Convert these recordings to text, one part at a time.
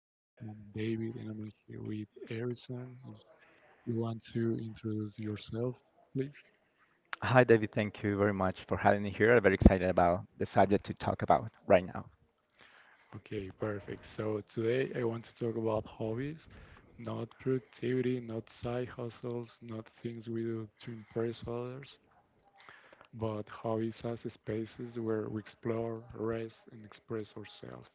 podcast. I'm David and I'm here with Harrison. If you want to introduce yourself, please. Hi, David. Thank you very much for having me here. I'm very excited about the subject to talk about right now. Okay, perfect. So today I want to talk about hobbies, not productivity, not side hustles, not things we do to impress others, but hobbies as spaces where we explore, rest, and express ourselves.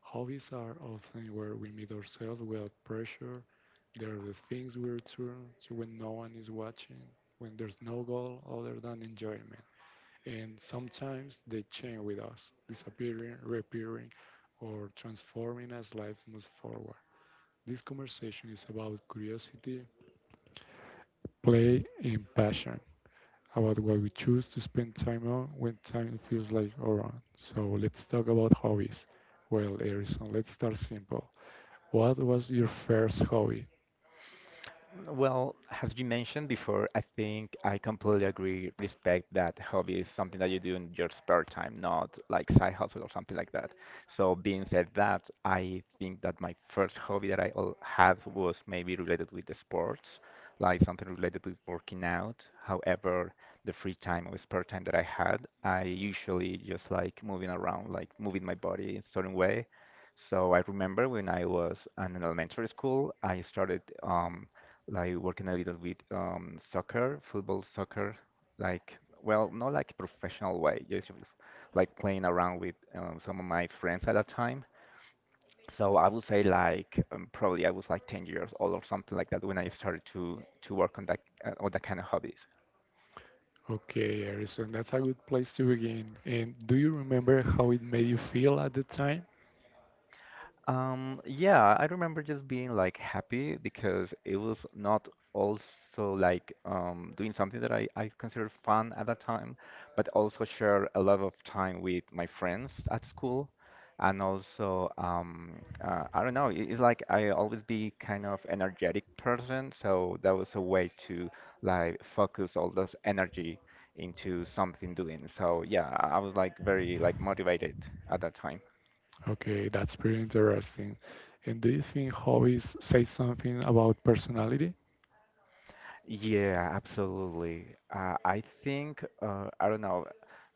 Hobbies are often where we meet ourselves without pressure. They're the things we return to when no one is watching, when there's no goal other than enjoyment. And sometimes they change with us, disappearing, reappearing, or transforming as life moves forward. This conversation is about curiosity, play, and passion, about what we choose to spend time on when time feels like our own. So let's talk about hobbies. Well, Erison, let's start simple. What was your first hobby? Well, as you mentioned before, I think I completely agree, respect that hobby is something that you do in your spare time, not like side hustle or something like that. So being said that, I think that my first hobby that had was maybe related with the sports, like something related with working out. However, the free time or spare time that I had, I usually just like moving around, like moving my body in certain way. So I remember when I was in elementary school, I started like working a little bit soccer, football, soccer, like well, not like professional way, just with, like playing around with some of my friends at that time. So I would say probably I was like 10 years old or something like that when I started to work on that kind of hobbies. Okay, Harrison, that's a good place to begin. And do you remember how it made you feel at the time? Yeah, I remember just being like happy because it was not also like doing something that I considered fun at that time, but also share a lot of time with my friends at school. And also, I don't know, it's like I always be kind of energetic person, so that was a way to like focus all this energy into something doing. So yeah, I was like very like motivated at that time. Okay, that's pretty interesting. And do you think hobbies say something about personality? Yeah, absolutely. I think I don't know.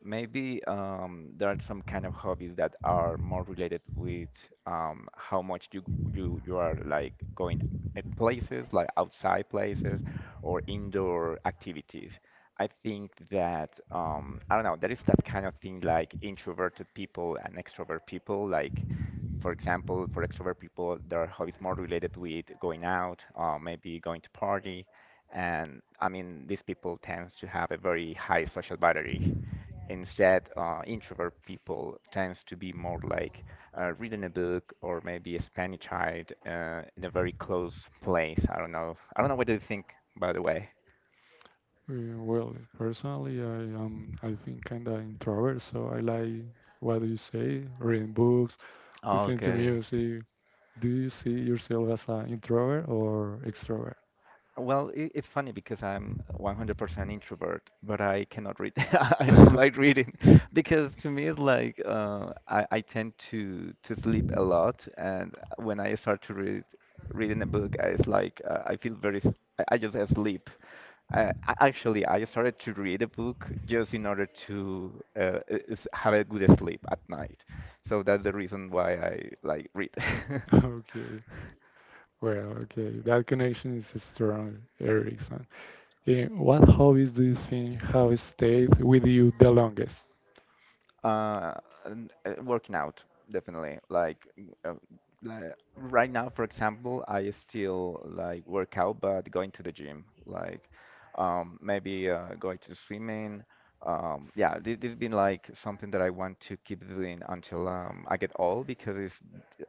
Maybe there are some kind of hobbies that are more related with how much you are like going at places like outside places or indoor activities. I think that I don't know. There is that kind of thing like introverted people and extrovert people. Like for example, for extrovert people, their hobbies more related with going out, maybe going to party and I mean, these people tend to have a very high social battery. Instead, introvert people tends to be more like reading a book or maybe spending time in a very close place. I don't know. I don't know what do you think, by the way. Well, personally, I am, I think, kind of introvert, so I like, what do you say, reading books, listening to Okay. music. Do you see yourself as an introvert or extrovert? Well, I it's funny because I'm 100% introvert, but I cannot read. I don't like reading because to me it's like I tend to sleep a lot, and when I start to read reading a book, it's like I feel very I just sleep. Actually, I started to read a book just in order to have a good sleep at night. So that's the reason why I like read. At night. Okay. Well, okay. That connection is strong, Erickson. What hobbies do you think have stayed with you the longest? Uh, Working out, definitely. Uh, like right now, for example, I still like work out, but going to the gym, maybe going to swimming. Yeah, this been like something that I want to keep doing until I get old because it's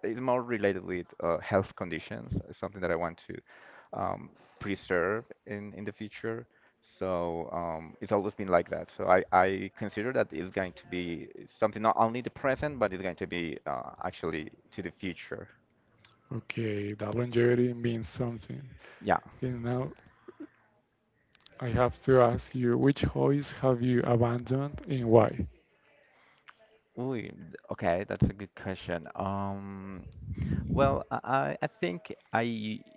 it's more related with health conditions. It's something that I want to um, preserve in the future. So it's always been like that. So I consider that it's going to be something not only the present, but it's going to be actually to the future. Okay, that longevity means something. Yeah. And now I have to ask you, which hobbies have you abandoned and why? Ooh, okay, that's a good question. Well, I think I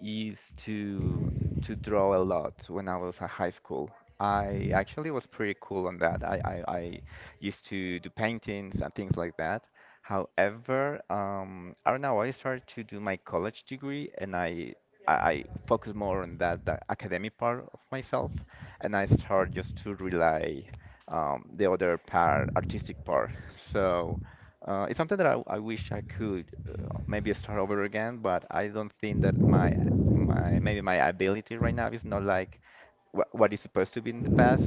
used to draw a lot when I was at high school. I actually was pretty cool on that. I used to do paintings and things like that. However, I don't know. I started to do my college degree, and I focus more on that the academic part of myself, and I start just to rely the other part, artistic part. So. It's something that I wish I could maybe start over again, but I don't think that my maybe my ability right now is not like wh what is supposed to be in the past,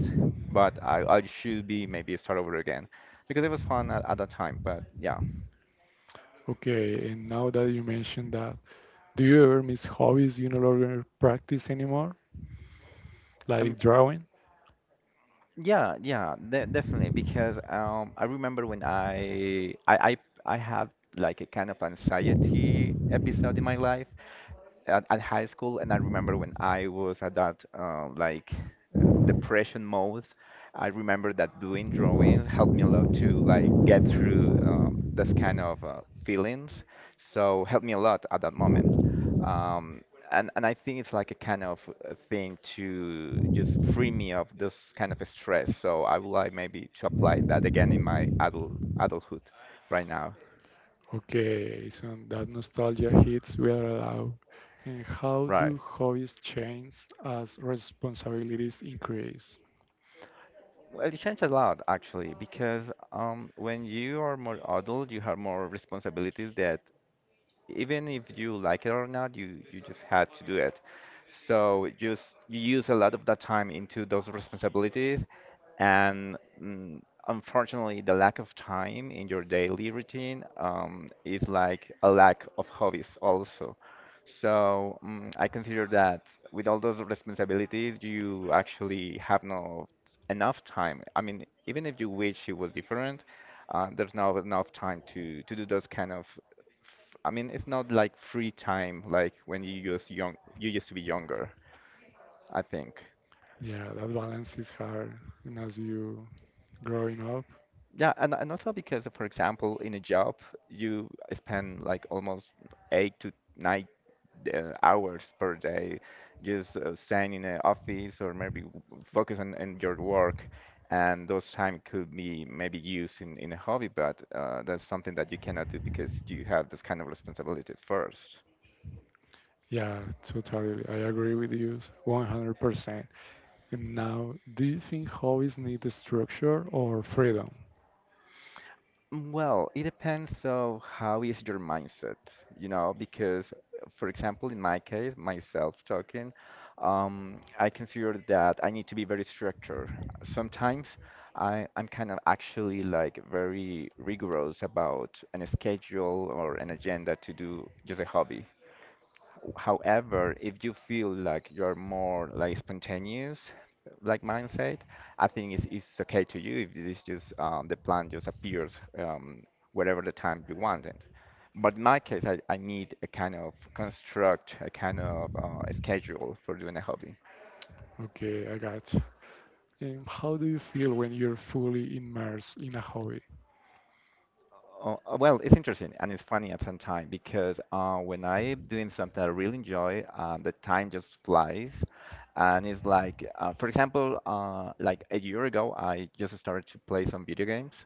but I should be maybe start over again because it was fun at that time. But yeah, Okay, and now that you mentioned that, do you ever miss hobbies you no longer practice anymore, like um, drawing? Yeah, de definitely because I remember when I had like a kind of anxiety episode in my life at high school, and I remember when I was at that depression mode, I remember that doing drawings helped me a lot to like get through this kind of feelings. So helped me a lot at that moment. Um, and I think it's like a kind of a thing to just free me of this kind of stress. So I would like maybe to apply that again in my adulthood right now. Okay, so that nostalgia hits we are allowed. And how do hobbies change as responsibilities increase? Well, it changed a lot actually, because when you are more adult, you have more responsibilities that even if you like it or not, you just had to do it. So just you use a lot of that time into those responsibilities, and unfortunately, the lack of time in your daily routine is like a lack of hobbies also. So I consider that with all those responsibilities, you actually have no enough time. I mean, even if you wish it was different, there's not enough time to do those kind of I mean, it's not like free time like when you used young you used to be younger, I think. Yeah, that balance is hard. And as you growing up, Yeah, and also because for example, in a job, you spend like almost eight to nine hours per day just staying in an office or maybe focus on your work. And those time could be maybe used in a hobby, but that's something that you cannot do because you have those kind of responsibilities first. yeah, totally. I agree with you 100%. And now, do you think hobbies need structure or freedom? Well, it depends on how is your mindset, you know, because for example, in my case, myself talking, I consider that I need to be very structured. Sometimes I'm kind of actually like very rigorous about an schedule or an agenda to do just a hobby. However, if you feel like you're more like spontaneous, like mindset, I think it's okay to you if it's just the plan just appears um, whatever the time you want it. But in my case, I need a kind of construct, a kind of schedule for doing a hobby. Okay, I got. And how do you feel when you're fully immersed in a hobby? Well, it's interesting and it's funny at some time because when I'm doing something I really enjoy, the time just flies. And it's like, for example, like a year ago, I just started to play some video games.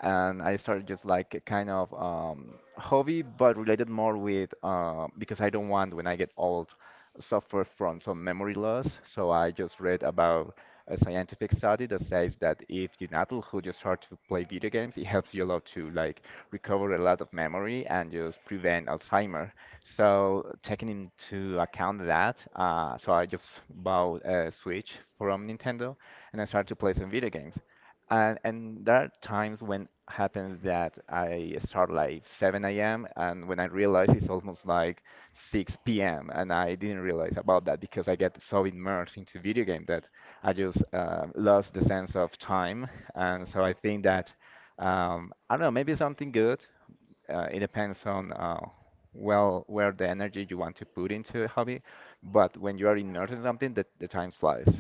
And I started just like a kind of hobby, but related more with because I don't want when I get old suffer from some memory loss. So I just read about a scientific study that says that if you're an adult who just starts to play video games, it helps you a lot to like recover a lot of memory and just prevent Alzheimer. So taking into account that, so I just bought a Switch from Nintendo and I started to play some video games. And there are times when happens that I start like 7 a.m. and when I realize it's almost like 6 p.m. and I didn't realize about that because I get so immersed into video game that I just lost the sense of time. And so I think that I don't know, maybe something good. It depends on well where the energy you want to put into a hobby. But when you are immersed in something, the time flies.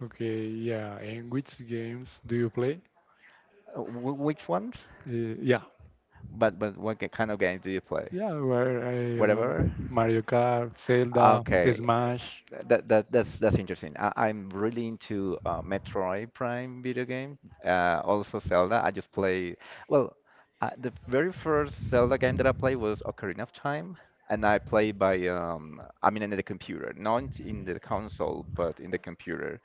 Okay, yeah. And which games do you play? Which ones? Yeah, But what kind of game do you play? yeah. Where, I don't know, Whatever. Mario Kart, Zelda, Okay, Smash. That's interesting. I'm really into Metroid Prime video game. Also Zelda. I just play. Well, the very first Zelda game that I played was Ocarina of Time, and I played by I mean in the computer, not in the console, but in the computer.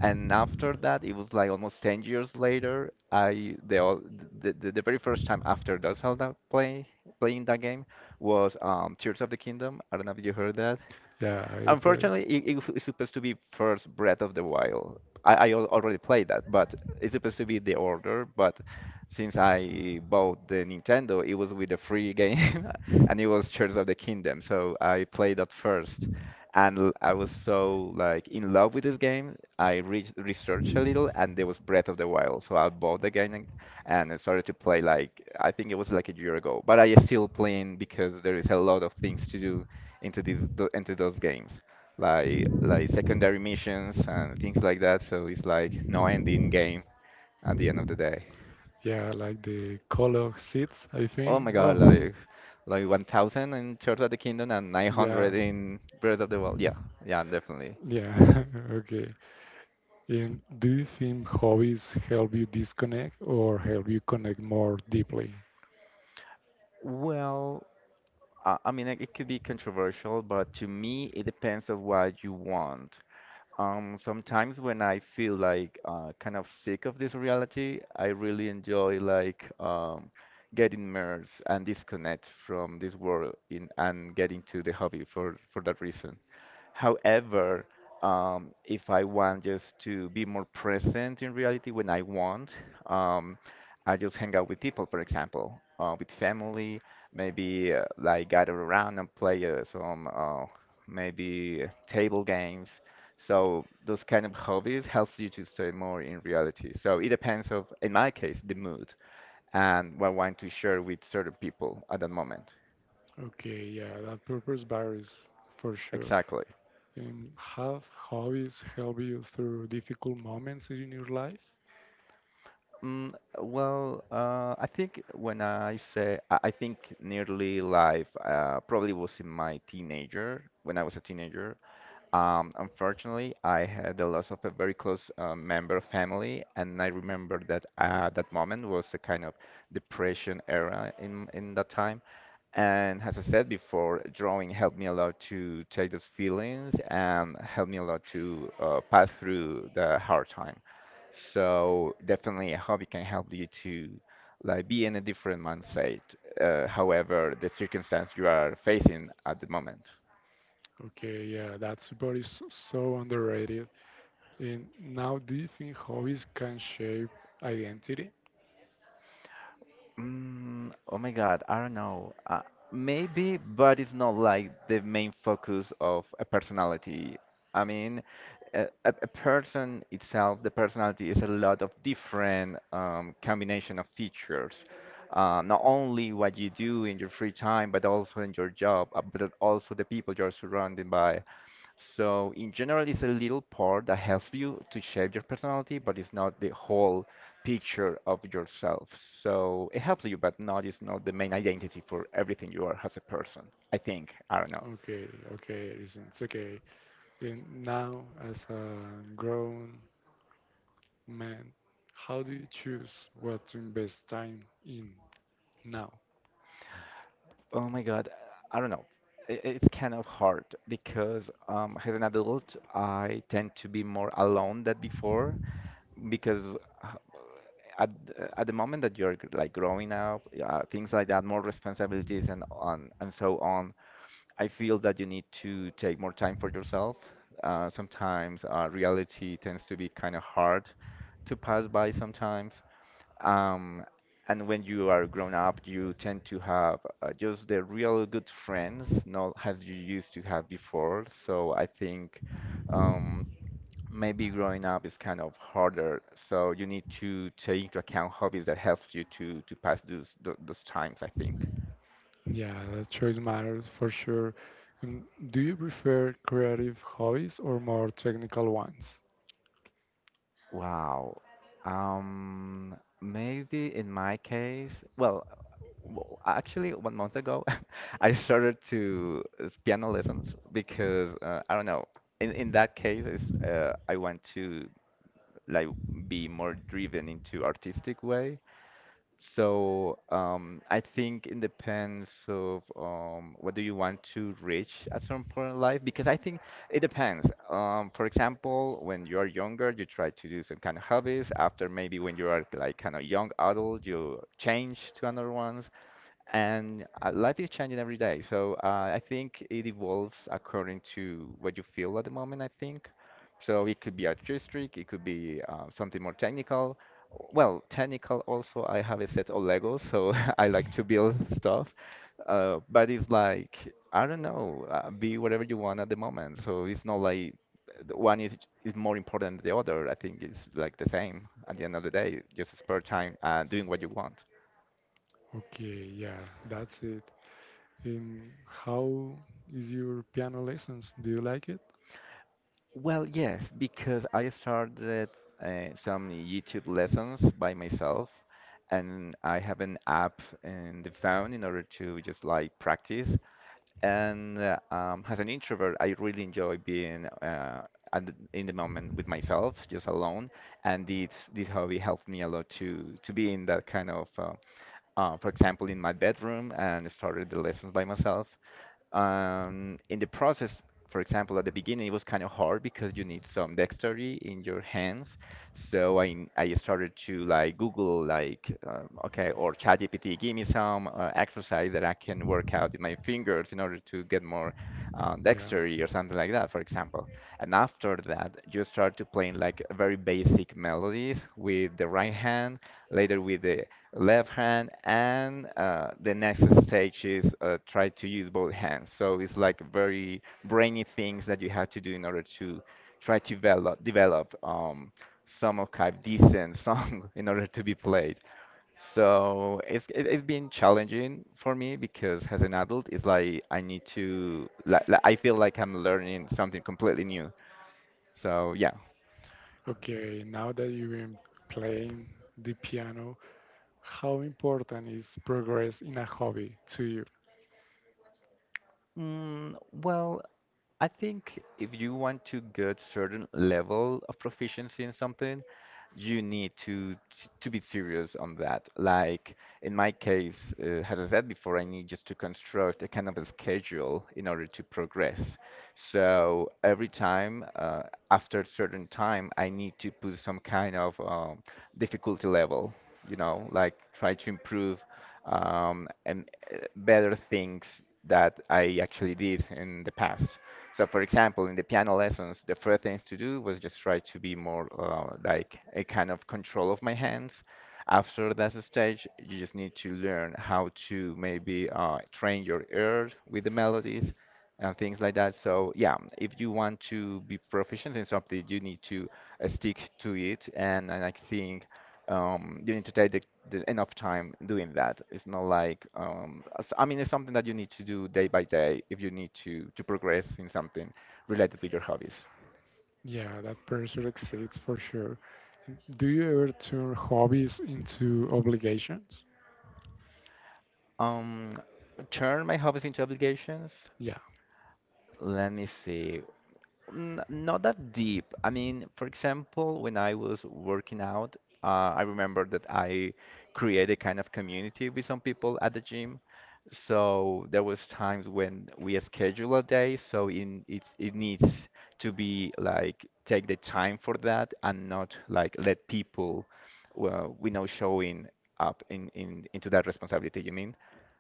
And after that, it was like almost 10 years later, I the al- the very first time after the Zelda playing that game was Tears of the Kingdom. I don't know if you heard that. Yeah, I play. Unfortunately, it's supposed to be first Breath of the Wild. Already played that, but it's supposed to be the order. But since I bought the Nintendo, it was with a free game, and it was Tears of the Kingdom. So I played that first, and I was so like in love with this game. I re researched a little, and there was Breath of the Wild. So I bought the game, and I started to play like I think it was like a year ago. But I still playing because there is a lot of things to do into those games, like secondary missions and things like that. So it's like no ending game at the end of the day. Yeah, like the Call of Seeds, I Oh think. my god, Oh, like 1000 in Tears of the Kingdom and yeah, 900 in Breath of the Wild. Yeah, yeah, definitely. yeah. Okay. And do you think hobbies help you disconnect or help you connect more deeply? Well, I mean, like, it could be controversial, but to me, it depends on what you want. Sometimes when I feel like kind of sick of this reality, I really enjoy like getting immersed and disconnect from this world in and getting to the hobby for that reason. However, if I want just to be more present in reality when I want, um, I just hang out with people, for example, with family, maybe like gather around and play some maybe table games, so those kind of hobbies helps you to stay more in reality. So it depends of, in my case, the mood and what I want to share with certain people at the moment. Okay, yeah, that purpose varies for sure. Exactly. Have hobbies help you through difficult moments in your life? Mm, well, I think when I say, I think nearly life probably was in my teenager, when I was a teenager. Unfortunately, I had the loss of a very close member of family, and I remember that that moment was a kind of depression era in that time. And as I said before, drawing helped me a lot to take those feelings and helped me a lot to pass through the hard time. So definitely a hobby can help you to like be in a different mindset, however the circumstance you are facing at the moment. Okay, yeah, that support is so underrated. And now, do you think hobbies can shape identity? Mm, oh my God, I don't know. Maybe, but it's not like the main focus of a personality. I mean, a person itself, the personality is a lot of different combination of features. Not only what you do in your free time, but also in your job, but also the people you're surrounded by. So, in general, it's a little part that helps you to shape your personality, but it's not the whole picture of yourself. So it helps you, but not is not the main identity for everything you are as a person. I think. I don't know. Okay, okay, reasons. Okay, and now as a grown man, how do you choose what to invest time in now? Oh my God, I don't know. It's kind of hard because as an adult, I tend to be more alone than before because uh, at at the moment that like growing up, things like that, more responsibilities and on and so on. I feel that you need to take more time for yourself. Sometimes reality tends to be kind of hard to pass by sometimes. Um, and when you are grown up, you tend to have just the real good friends, not as you used to have before. So I think um, maybe growing up is kind of harder. So you need to take into account hobbies that helps you to pass those times, I think. Yeah, the choice matters for sure. Um, Do you prefer creative hobbies or more technical ones? Wow. Maybe in my case, well, actually, 1 month ago, I started to piano lessons because I don't know. In that case, is I want to like be more driven into artistic way. So I think it depends of what do you want to reach at some point in life because I think it depends. For example, when you are younger, you try to do some kind of hobbies. After maybe when you are like kind of young adult, you change to another one. And life is changing every day, so I think it evolves according to what you feel at the moment, I think. So it could be artistic, it could be something more technical. Well, technical also, I have a set of Legos, so I like to build stuff. But it's like, I don't know, be whatever you want at the moment. So it's not like the one is more important than the other. I think it's like the same at the end of the day, just spare time and doing what you want. Okay, yeah, that's it. And how is your piano lessons? Do you like it? Well, yes, because I started some YouTube lessons by myself, and I have an app in the phone in order to just like practice. And as an introvert, I really enjoy being in the moment with myself, just alone. And this hobby helped me a lot to be in that kind of, for example, in my bedroom and started the lessons by myself. In the process, for example, at the beginning, it was kind of hard because you need some dexterity in your hands, so I started to like Google like okay or ChatGPT, give me some exercise that I can work out in my fingers in order to get more Yeah. dexterity or something like that, for example. And after that, you start to playing like very basic melodies with the right hand, later with the left hand, and the next stage is try to use both hands. So it's like very brainy things that you have to do in order to try to develop some archive decent song in order to be played. So it's been challenging for me because as an adult, it's like I need to like I feel like I'm learning something completely new. So yeah. Okay, now that you've been playing the piano, how important is progress in a hobby to you? Mm, well, I think if you want to get certain level of proficiency in something, you need to to be serious on that. Like in my case, as I said before, I need just to construct a kind of a schedule in order to progress. So every time, after a certain time, I need to put some kind of difficulty level. You know, like try to improve and better things that I actually did in the past. So, for example, in the piano lessons, the first things to do was just try to be more like a kind of control of my hands. After that stage, you just need to learn how to maybe train your ear with the melodies and things like that. So, yeah, if you want to be proficient in something, you need to stick to it. And I think you need to take the enough time doing that. It's not like I mean, it's something that you need to do day by day if you need to progress in something related with your hobbies. Yeah, that pressure exists for sure. Do you ever turn hobbies into obligations? Um, Turn my hobbies into obligations. Yeah. Let me see. Mm, not that deep. I mean, for example, when I was working out, I remember that I created kind of community with some people at the gym. So there was times when we schedule a day, so in it it needs to be like take the time for that and not like let people, well, we know showing up in into that responsibility, you mean?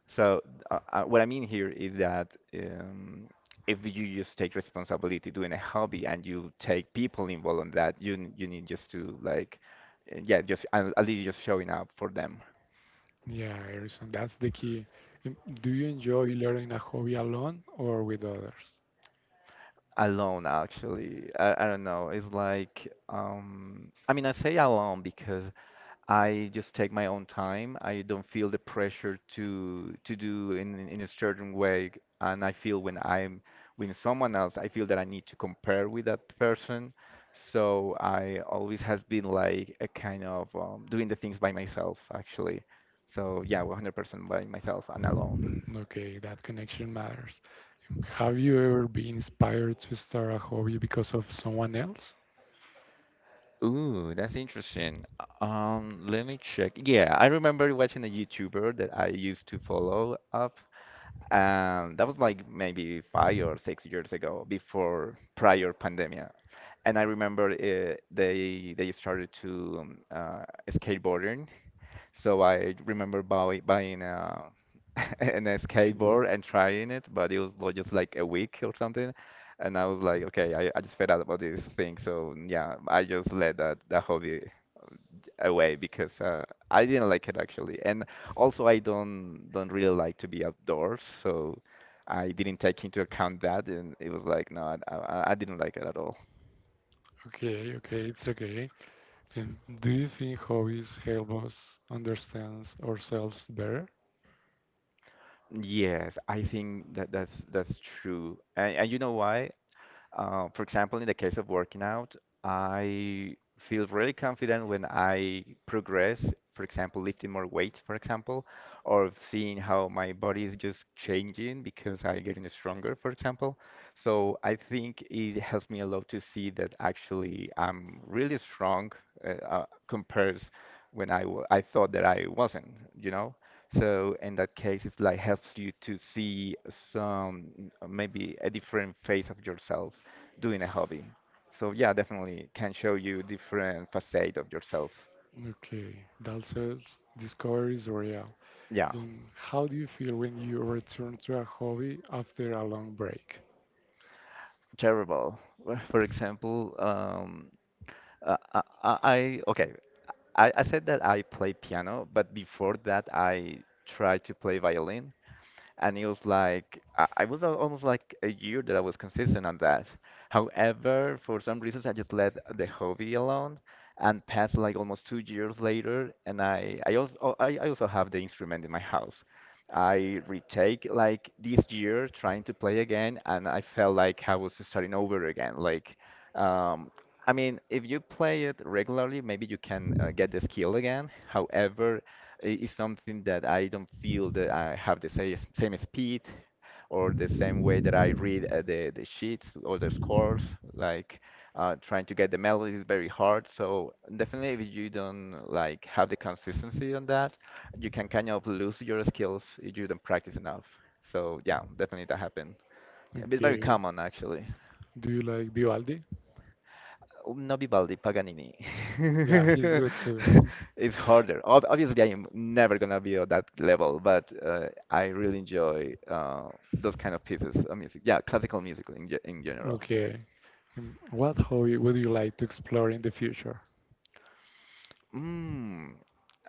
So what I mean here is that um, if you just take responsibility doing a hobby and you take people involved in that, you need just to like, yeah, just at least just showing up for them Yeah, Harrison, that's the key. Um, Do you enjoy learning a hobby alone or with others? alone. Actually, I don't know. It's like I mean, I say alone because I just take my own time. I don't feel the pressure to do in a certain way, and I feel when I'm with someone else, I feel that I need to compare with that person. So I always has been like a kind of doing the things by myself, actually. So yeah, 100% by myself and alone. Okay, that connection matters. Have you ever been inspired to start a hobby because of someone else? Ooh, that's interesting. Let me check. Yeah, I remember watching a YouTuber that I used to follow up. That was like maybe 5 or 6 years ago, before prior pandemia. And I remember they started to skateboarding, so I remember buying a, an a Skateboard. skateboard and trying it, but it was just like a week or something. And I was like, okay, I just fed out about this thing. So yeah, I just let that hobby away because I didn't like it actually. And also I don't really like to be outdoors, so I didn't take into account that, and it was like, no, I didn't like it at all. Okay, okay, it's okay. And do you think hobbies help us understand ourselves better? Yes, I think that that's true. And you know why? For example, in the case of working out, I feel really confident when I progress, for example, lifting more weights, for example, or seeing how my body is just changing because I'm getting stronger, for example. So I think it helps me a lot to see that actually I'm really strong compares when I thought that I wasn't, you know? So in that case, it's like helps you to see some maybe a different face of yourself doing a hobby. So yeah, definitely can show you different facade of yourself. Okay, that says discovery is real. Yeah, And how do you feel when you return to a hobby after a long break? terrible. Well, for example, uh, I, I I- okay, I said that I play piano, but before that I tried to play violin. And it was like I was almost like a year that I was consistent on that. However, for some reasons, I just let the hobby alone and passed like almost 2 years later, and I also have the instrument in my house. I retake like this year trying to play again, and I felt like I was starting over again. Like, um, I mean, if you play it regularly, maybe you can get the skill again. However, is something that I don't feel that I have the same speed or the same way that I read the sheets or the scores. Like trying to get the melody is very hard. So definitely, if you don't like have the consistency on that, you can kind of lose your skills if you don't practice enough. So yeah, definitely that happened. It's very Okay. common actually. Do you like Vivaldi? No Vivaldi, Paganini. Yeah, he's good too. It's harder. Ob Obviously, I'm never gonna be on that level, but I really enjoy those kind of pieces of music. Yeah, classical music in ge in general. Okay. What hobby would you like to explore in the future? Mm,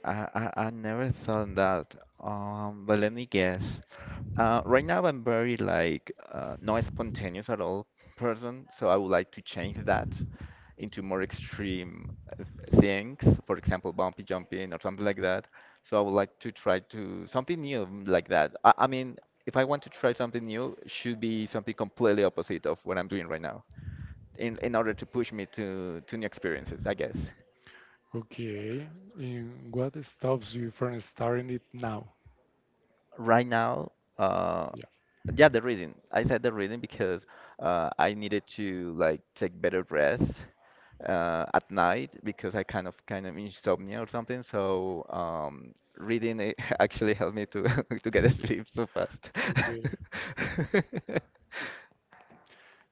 I never thought that. But let me guess. Right now I'm very like not spontaneous at all person, so I would like to change that into more extreme uh, things. For example, bumpy jumping or something like that. So I would like to try to something new like that. I mean, if I want to try something new, it should be something completely opposite of what I'm doing right now in order to push me to new experiences, I guess. Okay. And what stops you from starting it now? Right now, uh, Yeah. yeah, the reading. I said the reading because I needed to like take better rest at night because I kind of insomnia or something. So reading it actually helped me to to get asleep so fast. Okay.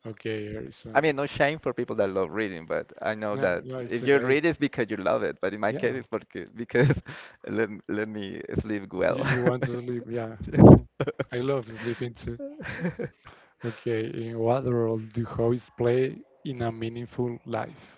Okay, I Harrison. mean, no shame for people that love reading, but I know No, that no, it's if you okay. read, it's because you love it. But in my Yeah. case, it's porque, because let me sleep You, well. you want to sleep? Yeah. Yeah. I love sleeping too. Okay. In what role do hobbies play in a meaningful life?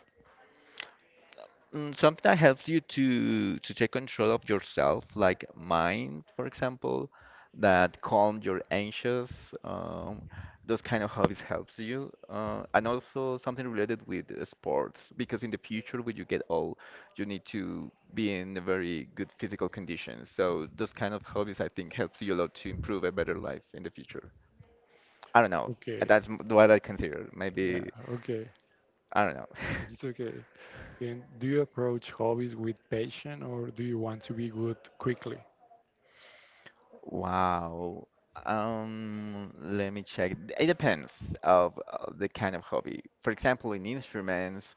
Mm, something that helps you to take control of yourself, like mind, for example, that calm your anxious. Um, those kind of hobbies helps you, and also something related with sports, because in the future when you get old, you need to be in a very good physical condition. So those kind of hobbies I think helps you a lot to improve a better life in the future. I don't know. Okay. That's what I consider. Yeah. Maybe Okay. I don't know. It's okay. And do you approach hobbies with passion or do you want to be good quickly? Wow. Let me check. It depends of the kind of hobby. For example, in instruments,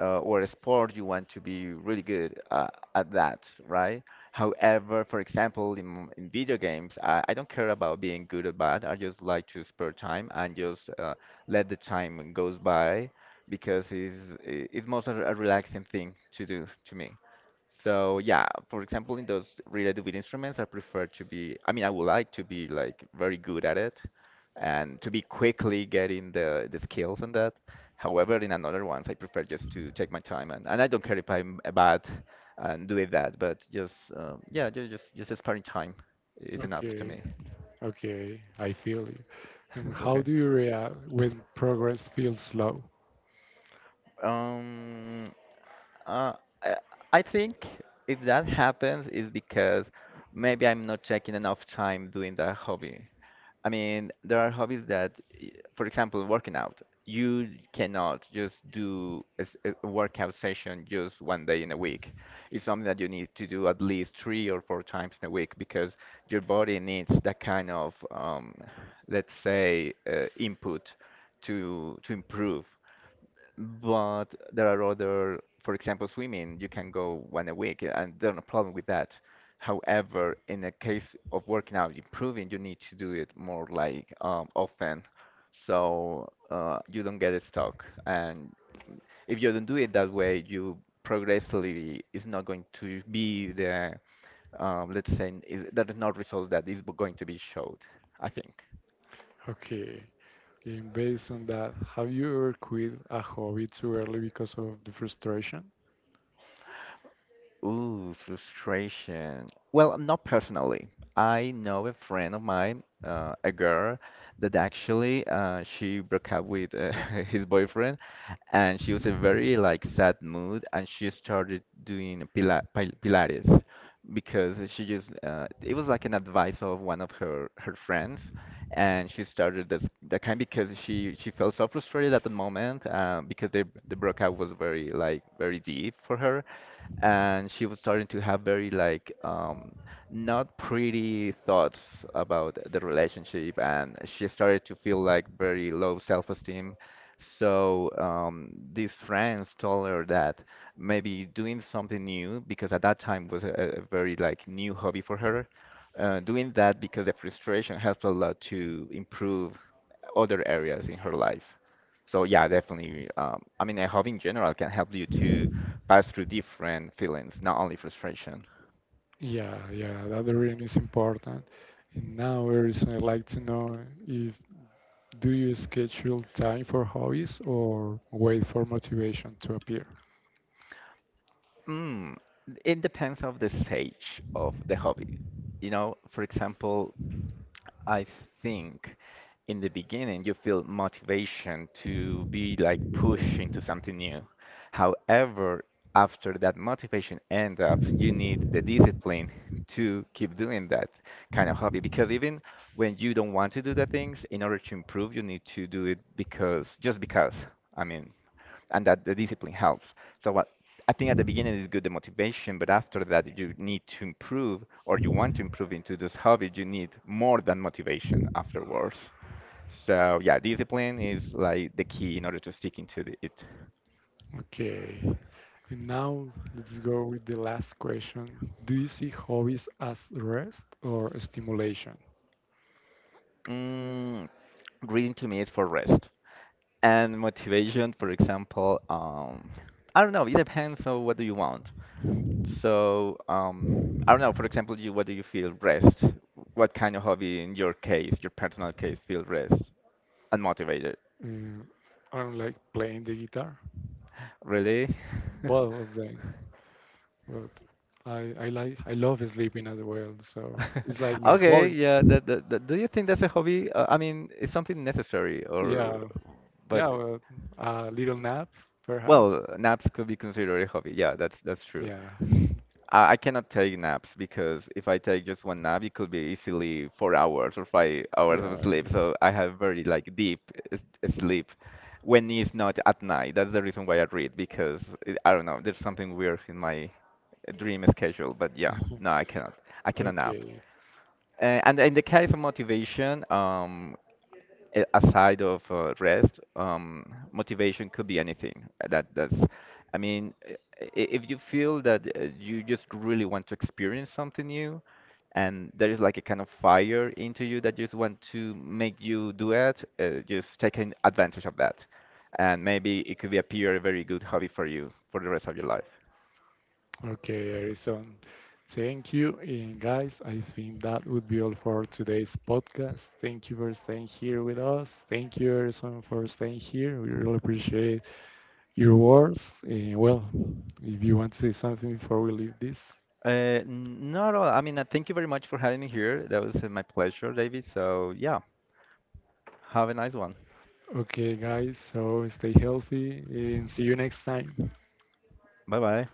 or a sport you want to be really good at that, right? However, for example, in video games, I don't care about being good or bad. I just like to spare time and just let the time goes by because it's most a relaxing thing to do to me. So yeah, for example, in those related with instruments, I prefer to be, I mean, I would like to be like very good at it and to be quickly getting the skills on that. However, in another ones, I prefer just to take my time and I don't care if I'm bad and doing that, but just yeah, just sparing time is enough to Okay, me. okay, I feel you. And how Okay. do you react when progress feels slow? Um, Uh, I I think if that happens, it's because maybe I'm not taking enough time doing that hobby. I mean, there are hobbies that, for example, working out. You cannot just do a workout session just one day in a week. It's something that you need to do at least three or four times in a week because your body needs that kind of, let's say, input to improve. But there are other, for example, swimming, you can go one a week, and there's no problem with that. However, in the case of working out, improving, you need to do it more like often, so you don't get stuck. And if you don't do it that way, you progressively is not going to be the, let's say, is, that is not result that is going to be showed, I think. Okay. And based on that, have you ever quit a hobby too early because of the frustration? Ooh, frustration. Well, not personally. I know a friend of mine, a girl, that actually she broke up with his boyfriend, and she was in a very like sad mood, and she started doing Pilates because she just it was like an advice of one of her friends, and she started this that kind because she felt so frustrated at the moment because the breakup was very like very deep for her and she was starting to have very like not pretty thoughts about the relationship, and she started to feel like very low self-esteem. So these friends told her that maybe doing something new, because at that time was a very like new hobby for her, doing that because the frustration helped a lot to improve other areas in her life. So yeah, definitely. I mean, a hobby in general can help you to pass through different feelings, not only frustration. Yeah, yeah, that really is important. And now, Eris, I'd like to know if do you schedule time for hobbies or wait for motivation to appear? Mm, it depends of the stage of the hobby. You know, for example, I think in the beginning you feel motivation to be like pushed into something new. However, after that motivation end up, you need the discipline to keep doing that kind of hobby because even when you don't want to do the things, in order to improve, you need to do it because just because. I mean, and that the discipline helps. So what I think at the beginning is good the motivation, but after that you need to improve or you want to improve into this hobby, you need more than motivation afterwards. So yeah, discipline is like the key in order to stick into the, it. Okay. And now let's go with the last question. Do you see hobbies as rest or stimulation? Mm, reading to me is for rest and motivation. For example, I don't know. It depends on what do you want. So, I don't know, for example, you, what do you feel rest? What kind of hobby in your case, your personal case, feel rest and motivated? Uh, I don't like playing the guitar, Really? both of them. But I like, I love sleeping as well, so it's like my Okay, hobby. yeah, that- do you think that's a hobby? I mean, it's something necessary or Yeah, but yeah, well, a little nap perhaps. well, naps could be considered a hobby. Yeah, that's true. Yeah, I cannot take naps because if I take just one nap, it could be easily 4 hours or 5 hours of yeah. sleep. So I have very like deep sleep when it's not at night. That's the reason why I read because it, I don't know, there's something weird in my dream schedule. But yeah, no, I cannot. I cannot nap. Okay. And in the case of motivation, aside of rest, motivation could be anything. I mean, i- if you feel that you just really want to experience something new, and there is like a kind of fire into you that just want to make you do it, just taking advantage of that, and maybe it could be appear a very good hobby for you for the rest of your life. Okay, Harrison. Thank you. And guys, I think that would be all for today's podcast. Thank you for staying here with us. Thank you, Harrison, for staying here. We really appreciate your words. And well, if you want to say something before we leave this, Not at all. I mean, thank you very much for having me here. That was my pleasure, David. So, yeah, have a nice one. okay, guys, so stay healthy and see you next time. Bye bye.